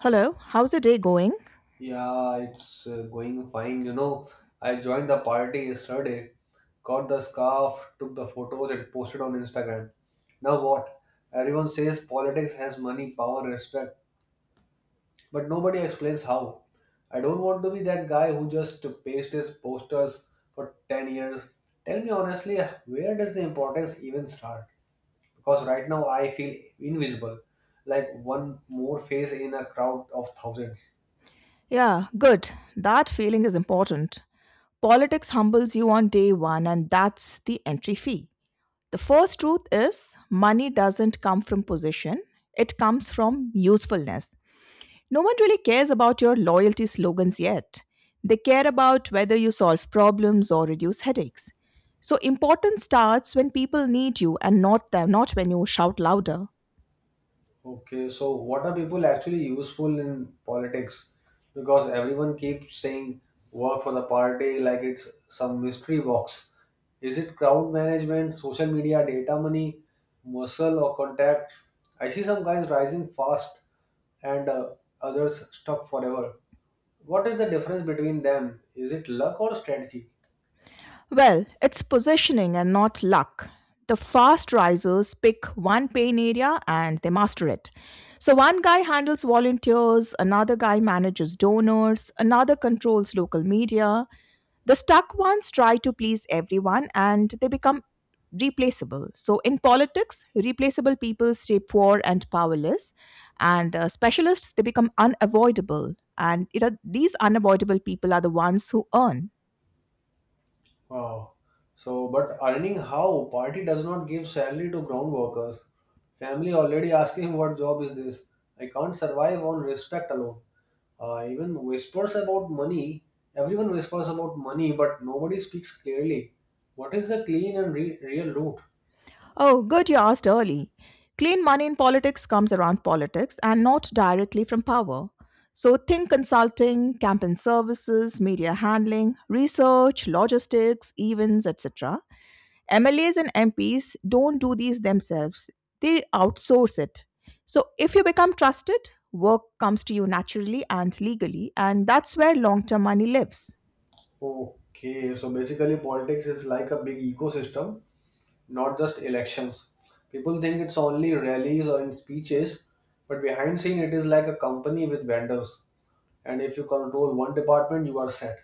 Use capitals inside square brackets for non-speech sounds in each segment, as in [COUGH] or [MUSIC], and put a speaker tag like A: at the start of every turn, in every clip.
A: Hello, how's the day going?
B: Yeah, it's going fine. I joined the party yesterday, got the scarf, took the photos, and posted on Instagram. Now what? Everyone says politics has money, power, respect, but nobody explains how. I don't want to be that guy who just paste his posters for 10 years. Tell me honestly, where does the importance even start? Because right now I feel invisible, like one more face in a crowd of thousands.
A: Yeah, good. That feeling is important. Politics humbles you on day one, and that's the entry fee. The first truth is money doesn't come from position, it comes from usefulness. No one really cares about your loyalty slogans yet. They care about whether you solve problems or reduce headaches. So, importance starts when people need you and not them, not when you shout louder.
B: Okay, so what are people actually useful in politics? Because everyone keeps saying work for the party like it's some mystery box. Is it crowd management, social media, data money, muscle, or contacts? I see some guys rising fast and others stuck forever. What is the difference between them? Is it luck or strategy?
A: Well, it's positioning and not luck. The fast risers pick one pain area and they master it. So, one guy handles volunteers, another guy manages donors, another controls local media. The stuck ones try to please everyone and they become replaceable. So, in politics, replaceable people stay poor and powerless, and specialists they become unavoidable. These unavoidable people are the ones who earn.
B: Wow. So, but earning how? Party does not give salary to ground workers. Family already asking what job is this? I can't survive on respect alone. Even whispers about money. Everyone whispers about money, but nobody speaks clearly. What is the clean and real root?
A: Oh, good you asked early. Clean money in politics comes around politics and not directly from power. So think consulting, campaign services, media handling, research, logistics, events, etc. MLAs and MPs don't do these themselves. They outsource it. So if you become trusted, work comes to you naturally and legally, and that's where long-term money lives.
B: Okay, so basically politics is like a big ecosystem, not just elections. People think it's only rallies or in speeches, but behind scene it is like a company with vendors. And if you control one department, you are set.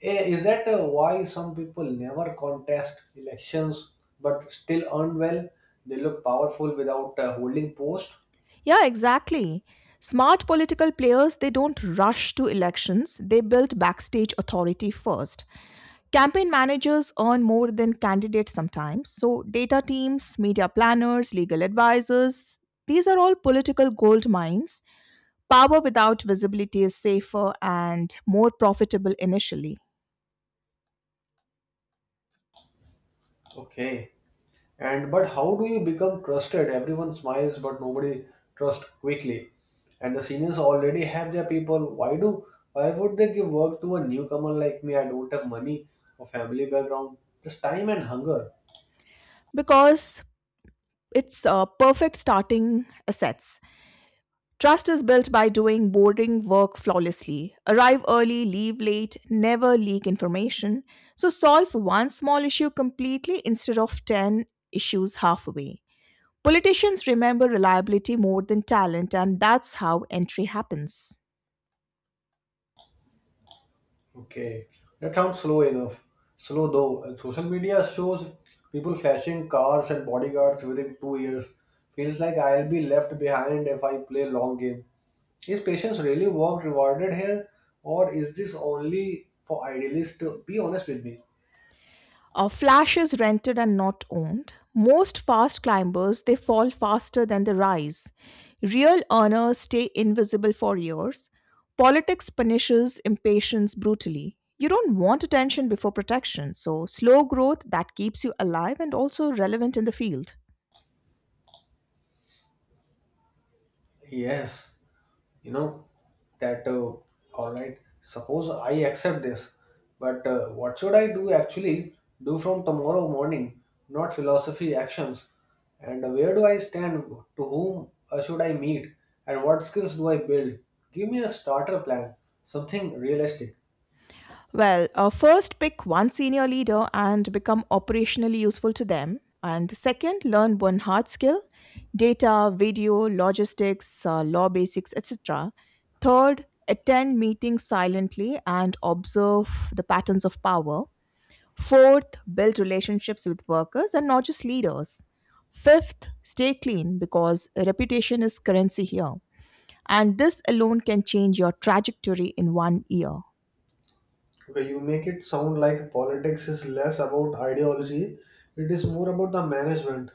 B: Is that why some people never contest elections but still earn well? They look powerful without holding post.
A: Yeah, exactly. Smart political players, they don't rush to elections. They build backstage authority first. Campaign managers earn more than candidates sometimes. So, data teams, media planners, legal advisors, these are all political gold mines. Power without visibility is safer and more profitable initially
B: Okay. And but how do you become trusted? Everyone smiles but nobody trusts quickly, and the seniors already have their people. Why would they give work to a newcomer like me? I don't have money or family background, just time and hunger.
A: because it's perfect starting assets. Trust is built by doing boring work flawlessly. Arrive early, leave late, never leak information. So solve one small issue completely instead of 10 issues halfway. Politicians remember reliability more than talent, and that's how entry happens.
B: Okay, that sounds slow enough. Slow though. And social media shows people flashing cars and bodyguards within 2 years. Feels like I'll be left behind if I play long game. Is patience really work rewarded here, or is this only for idealists? To be honest with me.
A: Flash is rented and not owned. Most fast climbers they fall faster than they rise. Real earners stay invisible for years. Politics punishes impatience brutally. You don't want attention before protection, so slow growth that keeps you alive and also relevant in the field.
B: Yes, you know that all right, suppose I accept this, but what should I do from tomorrow morning, not philosophy, actions. And where do I stand? To whom should I meet, and what skills do I build? Give me a starter plan, something realistic.
A: Well, first, pick one senior leader and become operationally useful to them. And second, learn one hard skill: data, video, logistics, law basics, etc. Third, attend meetings silently and observe the patterns of power. Fourth, build relationships with workers and not just leaders. Fifth, stay clean because reputation is currency here. And this alone can change your trajectory in 1 year.
B: Okay, you make it sound like politics is less about ideology, it is more about the management.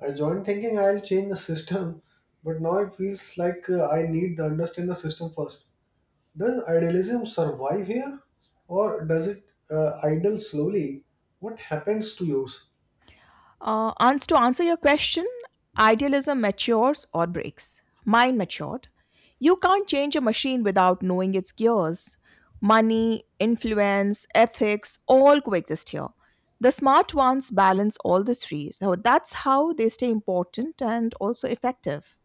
B: I joined thinking I'll change the system, but now it feels like I need to understand the system first. Does idealism survive here, or does it idle slowly? What happens to yours?
A: To answer your question, idealism matures or breaks. Mine matured. You can't change a machine without knowing its gears. Money, influence, ethics all coexist here. The smart ones balance all the three. So that's how they stay important and also effective.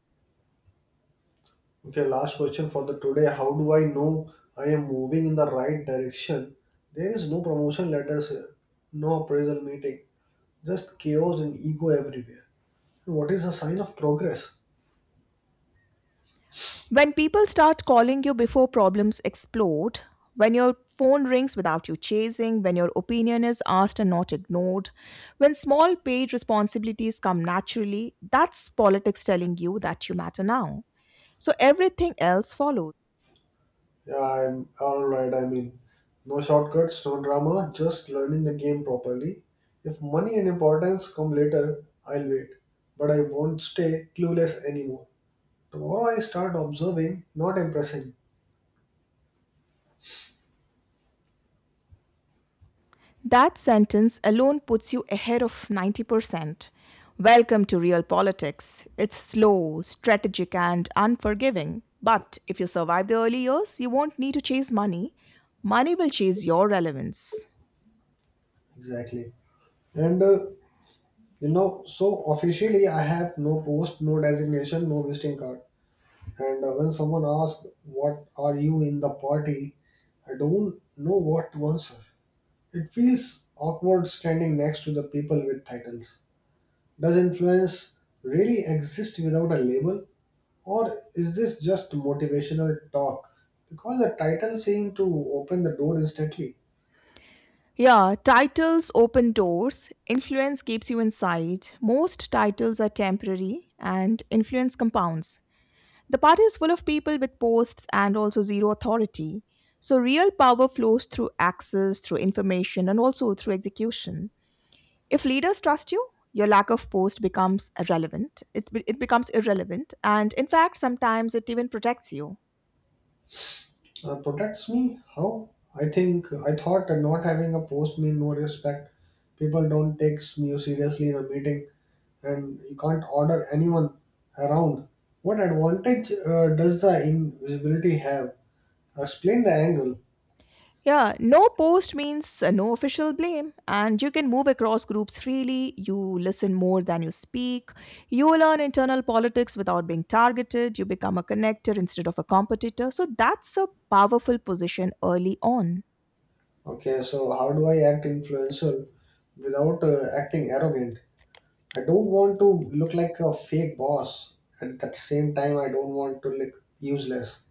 B: Okay, last question for the today. How do I know I am moving in the right direction? There is no promotion letters here, no appraisal meeting, just chaos and ego everywhere. What is the sign of progress?
A: When people start calling you before problems explode, when your phone rings without you chasing, when your opinion is asked and not ignored, when small paid responsibilities come naturally, that's politics telling you that you matter now. So everything else follows.
B: Yeah, I'm all right. I mean, no shortcuts, no drama, just learning the game properly. If money and importance come later, I'll wait. But I won't stay clueless anymore. Tomorrow I start observing, not impressing.
A: That sentence alone puts you ahead of 90%. Welcome to real politics. It's slow, strategic, and unforgiving. But if you survive the early years, you won't need to chase money. Money will chase your relevance.
B: Exactly. And uh, so officially I have no post, no designation, no visiting card. And When someone asks, what are you in the party? I don't know what to answer. It feels awkward standing next to the people with titles. Does influence really exist without a label? Or is this just motivational talk? Because the title seemed to open the door instantly.
A: Yeah, titles open doors, influence keeps you inside. Most titles are temporary, and influence compounds. The party is full of people with posts and also zero authority. So, real power flows through access, through information, and also through execution. If leaders trust you, your lack of post becomes irrelevant. It becomes irrelevant. And in fact, sometimes it even protects you.
B: Protects me? How? I think I thought that not having a post mean no respect. People don't take you seriously in a meeting, and you can't order anyone around. What advantage does the invisibility have? Explain the angle.
A: Yeah, no post means no official blame, and you can move across groups freely. You listen more than you speak. You learn internal politics without being targeted. You become a connector instead of a competitor. So that's a powerful position early on.
B: Okay, so how do I act influential without acting arrogant? I don't want to look like a fake boss. And at the same time, I don't want to look useless.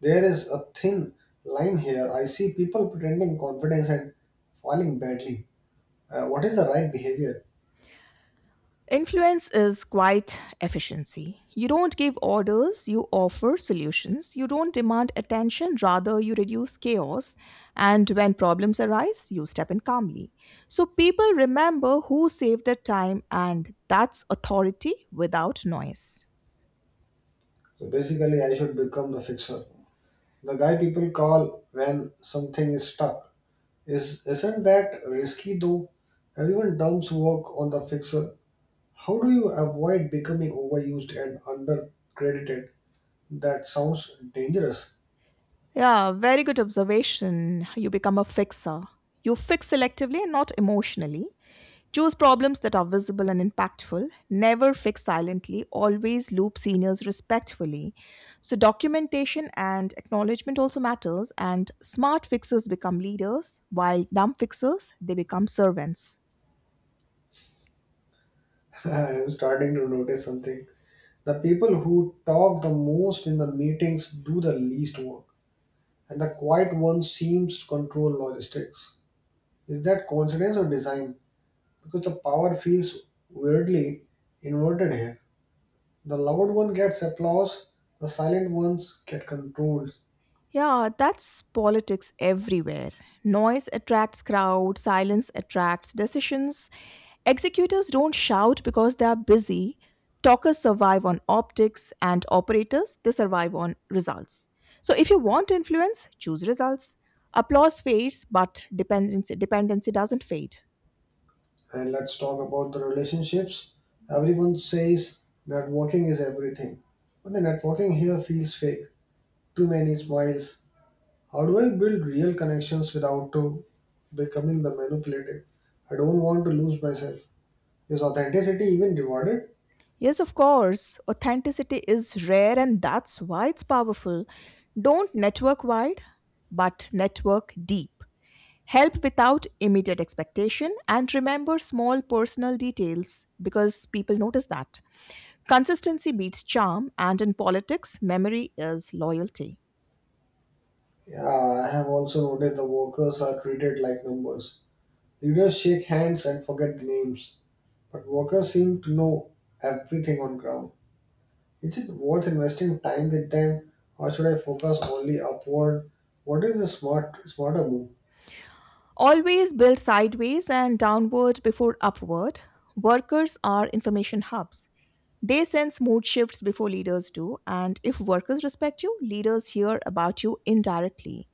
B: There is a thin line here. I see people pretending confidence and falling badly. What is the right behavior?
A: Influence is quite efficiency. You don't give orders, you offer solutions. You don't demand attention, rather, you reduce chaos. And when problems arise, you step in calmly. So people remember who saved their time, and that's authority without noise.
B: So basically, I should become the fixer. The guy people call when something is stuck. Is isn't that risky though? Everyone dumps work on the fixer. How do you avoid becoming overused and undercredited? That sounds dangerous.
A: Yeah, very good observation. You become a fixer. You fix selectively and not emotionally. Choose problems that are visible and impactful. Never fix silently. Always loop seniors respectfully. So, documentation and acknowledgement also matters. And smart fixers become leaders, while dumb fixers they become servants.
B: [LAUGHS] I am starting to notice something. The people who talk the most in the meetings do the least work, and the quiet ones seems to control logistics. Is that coincidence or design? Because the power feels weirdly inverted here. The loud one gets applause, the silent ones get controlled.
A: Yeah, that's politics everywhere. Noise attracts crowds. Silence attracts decisions. Executors don't shout because they are busy. Talkers survive on optics and operators they survive on results. So if you want influence, choose results. Applause fades, but dependency doesn't fade.
B: And let's talk about the relationships. Everyone says networking is everything, but the networking here feels fake. Too many smiles. How do I build real connections without becoming the manipulative? I don't want to lose myself. Is authenticity even rewarded?
A: Yes, of course. Authenticity is rare and that's why it's powerful. Don't network wide, but network deep. Help without immediate expectation and remember small personal details because people notice that. Consistency beats charm, and in politics, memory is loyalty.
B: Yeah, I have also noticed the workers are treated like numbers. Leaders shake hands and forget the names, but workers seem to know everything on ground. Is it worth investing time with them, or should I focus only upward? What is the smarter move?
A: Always build sideways and downward before upward. Workers are information hubs. They sense mood shifts before leaders do, and if workers respect you, leaders hear about you indirectly.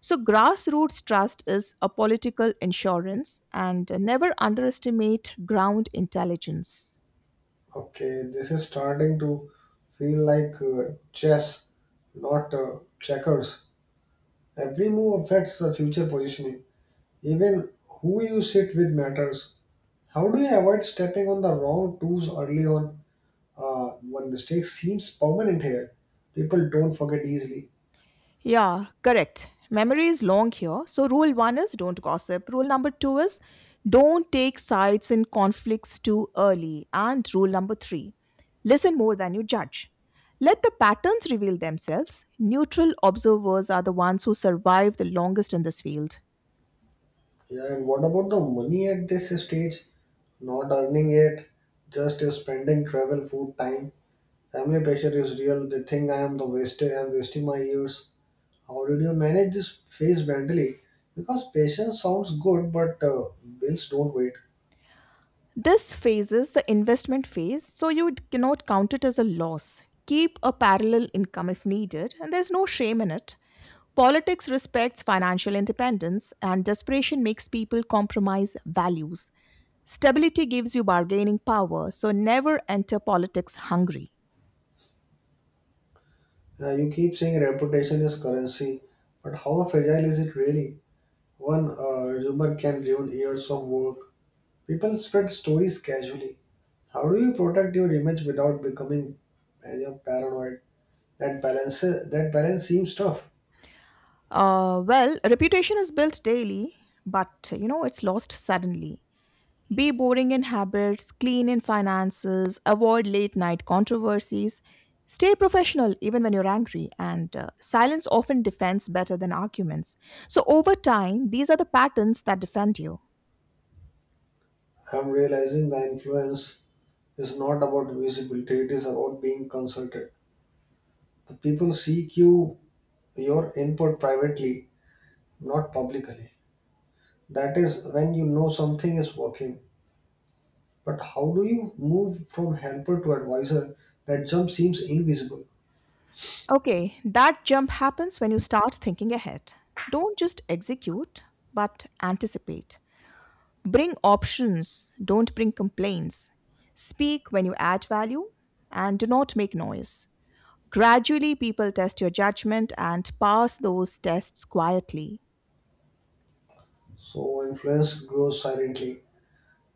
A: So, grassroots trust is a political insurance, and never underestimate ground intelligence.
B: Okay, this is starting to feel like chess, not checkers. Every move affects the future positioning. Even who you sit with matters. How do you avoid stepping on the wrong toes early on? One mistake seems permanent here. People don't forget easily.
A: Yeah, correct. Memory is long here. So, rule one is don't gossip. Rule number two is don't take sides in conflicts too early. And rule number three, listen more than you judge. Let the patterns reveal themselves. Neutral observers are the ones who survive the longest in this field.
B: Yeah, and what about the money at this stage? Not earning it, just spending travel, food, time. Family pressure is real. They think I am the wasted. I am wasting my years. How did you manage this phase mentally? Because patience sounds good, but bills don't wait.
A: This phase is the investment phase, so you cannot count it as a loss. Keep a parallel income if needed, and there's no shame in it. Politics respects financial independence, and desperation makes people compromise values. Stability gives you bargaining power, so never enter politics hungry.
B: You keep saying reputation is currency, but how fragile is it really? One rumor can ruin years of work. People spread stories casually. How do you protect your image without becoming paranoid? That balance seems tough.
A: Well, reputation is built daily, but you know, it's lost suddenly. Be boring in habits, clean in finances, avoid late night controversies, stay professional even when you're angry, and silence often defends better than arguments. So, over time, these are the patterns that defend you.
B: I'm realizing the influence is not about visibility, it is about being consulted. The people seek you your input privately, not publicly. That is when you know something is working. But how do you move from helper to advisor? That jump seems invisible.
A: Okay, that jump happens when you start thinking ahead. Don't just execute, but anticipate. Bring options, don't bring complaints. Speak when you add value, and do not make noise. Gradually, people test your judgment and pass those tests quietly.
B: So influence grows silently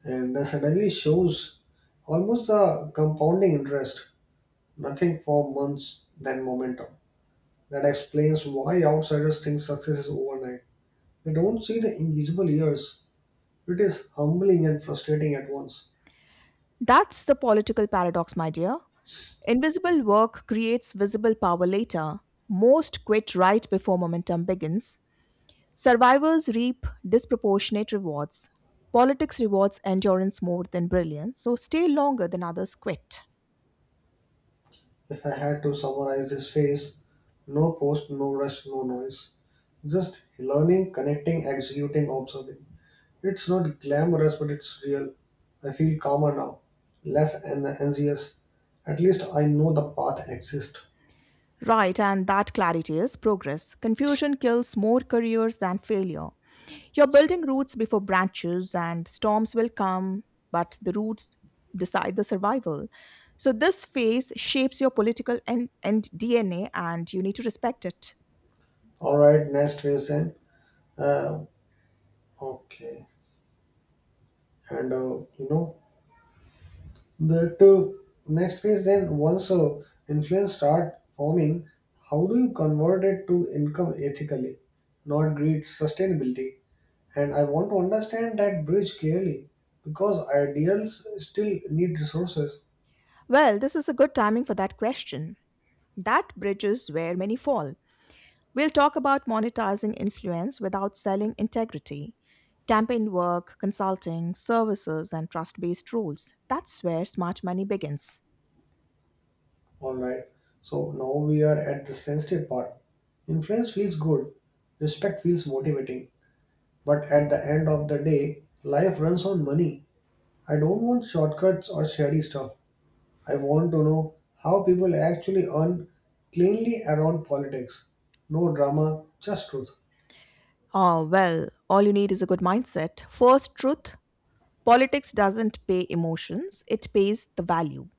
B: and then suddenly shows almost a compounding interest. Nothing for months, then momentum. That explains why outsiders think success is overnight. They don't see the invisible years. It is humbling and frustrating at once.
A: That's the political paradox, my dear. Invisible work creates visible power later. Most quit right before momentum begins. Survivors reap disproportionate rewards. Politics rewards endurance more than brilliance, so stay longer than others quit.
B: If I had to summarize this phase, no post, no rush, no noise. Just learning, connecting, executing, observing. It's not glamorous, but it's real. I feel calmer now, less anxious. At least I know the path exists.
A: Right, and that clarity is progress. Confusion kills more careers than failure. You're building roots before branches, and storms will come, but the roots decide the survival. So, this phase shapes your political and DNA, and you need to respect it.
B: All right, next phase then. Uh, okay, and you know The two next phase then, once a influence start forming, how do you convert it to income ethically, not greed sustainability? And I want to understand that bridge clearly because ideals still need resources.
A: Well, this is a good timing for that question. That bridges where many fall. We'll talk about monetizing influence without selling integrity, campaign work, consulting, services, and trust based rules. That's where smart money begins.
B: Alright. So now we are at the sensitive part. Influence feels good, respect feels motivating, but at the end of the day, life runs on money. I don't want shortcuts or shady stuff. I want to know how people actually earn cleanly around politics. No drama, just truth.
A: Oh, well, all you need is a good mindset. First, truth. Politics doesn't pay emotions, it pays the value.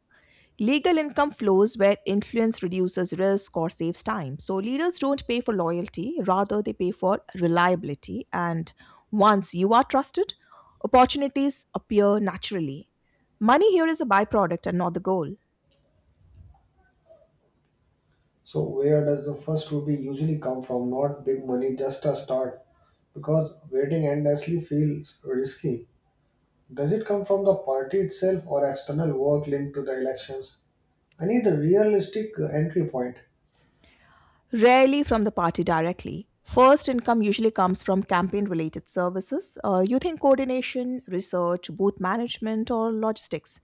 A: Legal income flows where influence reduces risk or saves time. So leaders don't pay for loyalty, rather, they pay for reliability. And once you are trusted, opportunities appear naturally. Money here is a byproduct and not the goal,
B: So, where does the first rupee usually come from? Not big money, just a start. Because waiting endlessly feels risky. Does it come from the party itself or external work linked to the elections? I need a realistic entry point.
A: rarely from the party directly. First income usually comes from campaign related services. You think coordination, research, booth management, or logistics.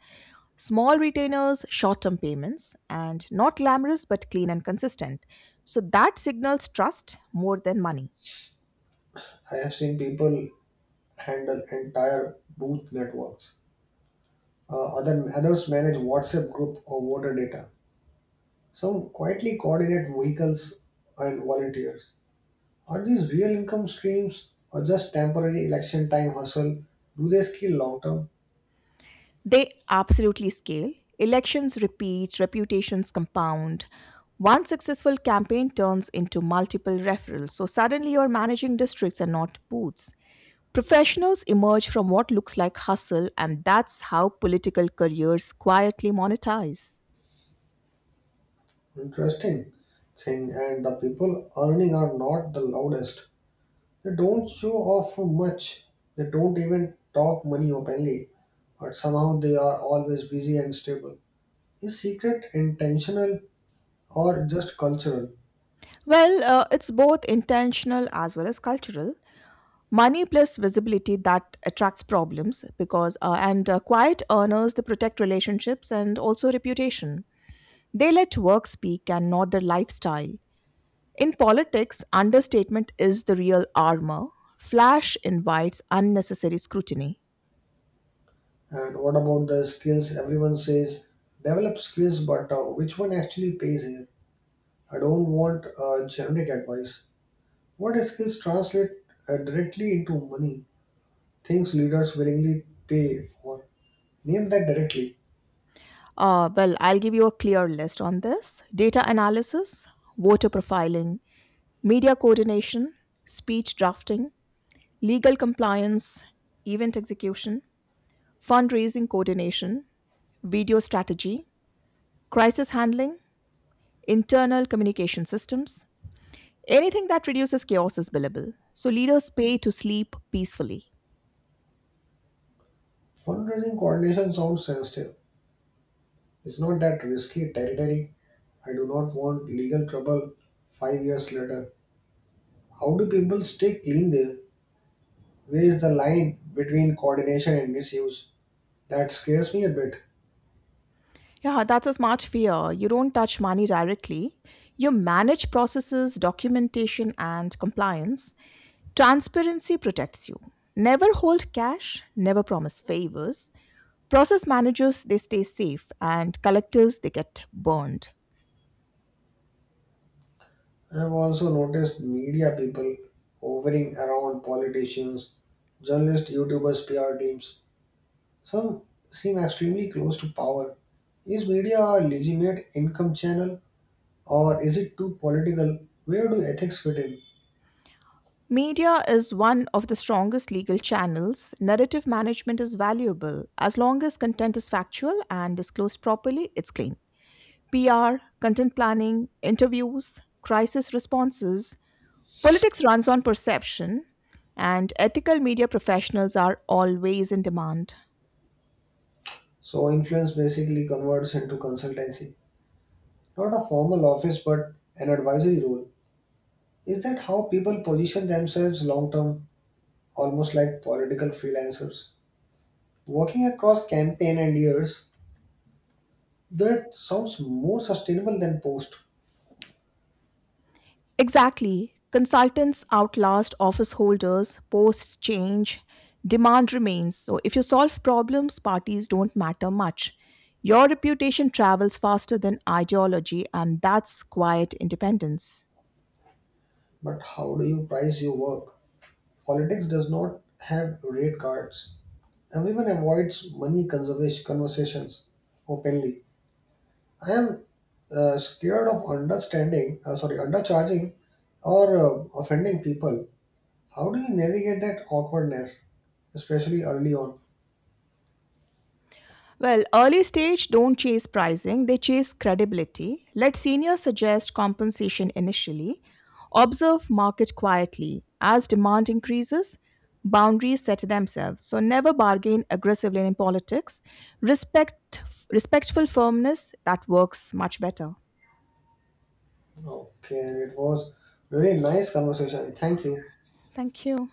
A: Small retainers, short term payments, and not glamorous but clean and consistent. So that signals trust more than money.
B: I have seen people handle entire booth networks. Others manage WhatsApp group or voter data. Some quietly coordinate vehicles and volunteers. Are these real income streams or just temporary election time hustle? Do they scale long term?
A: They absolutely scale. Elections repeat, reputations compound. One successful campaign turns into multiple referrals. So suddenly you're managing districts and not booths. Professionals emerge from what looks like hustle, and that's how political careers quietly monetize.
B: Interesting thing. And the people earning are not the loudest. They don't show off much. They don't even talk money openly. But somehow they are always busy and stable. Is secret intentional or just cultural?
A: Well, it's both intentional as well as cultural. Money plus visibility that attracts problems, because and quiet earners they protect relationships and also reputation. They let work speak and not their lifestyle. In politics understatement is the real armor. Flash invites unnecessary scrutiny.
B: And what about the skills? Everyone says develop skills, but which one actually pays here? I don't want generic advice. What skills translate directly into money? Things leaders willingly pay for. Name that directly.
A: Well, I'll give you a clear list on this: data analysis, voter profiling, media coordination, speech drafting, legal compliance, event execution, fundraising coordination, video strategy, crisis handling, internal communication systems. Anything that reduces chaos is billable. So leaders pay to sleep peacefully.
B: Fundraising coordination sounds sensitive. It's not that risky territory. I do not want legal trouble 5 years later. How do people stay clean there? Where is the line between coordination and misuse? That scares me a bit.
A: Yeah, that's a smart fear. You don't touch money directly. You manage processes, documentation, and compliance. Transparency protects you. Never hold cash, never promise favors. Process managers, they stay safe, and collectors, they get burned.
B: I have also noticed media people hovering around politicians, journalists, YouTubers, PR teams. Some seem extremely close to power. Is media a legitimate income channel or is it too political? Where do ethics fit in?
A: Media is one of the strongest legal channels. Narrative management is valuable. As long as content is factual and disclosed properly, it's clean. PR, content planning, interviews, crisis responses, politics runs on perception, and ethical media professionals are always in demand.
B: So, influence basically converts into consultancy. Not a formal office but an advisory role. Is that how people position themselves long term, almost like political freelancers? Working across campaign and years, that sounds more sustainable than post,
A: Exactly. Consultants outlast office holders, posts change, demand remains. So, if you solve problems, parties don't matter much. Your reputation travels faster than ideology, and that's quiet independence.
B: but how do you price your work? Politics does not have rate cards. Everyone avoids money conservation conversations openly. I am scared of understanding, sorry, undercharging or offending people. How do you navigate that awkwardness, especially early on?
A: Well, early stage don't chase pricing, they chase credibility. Let seniors suggest compensation initially. Observe market quietly. As demand increases, boundaries set themselves. So never bargain aggressively in politics. Respect Respectful firmness that works much better.
B: Okay, and it was really nice conversation. Thank you.
A: Thank you.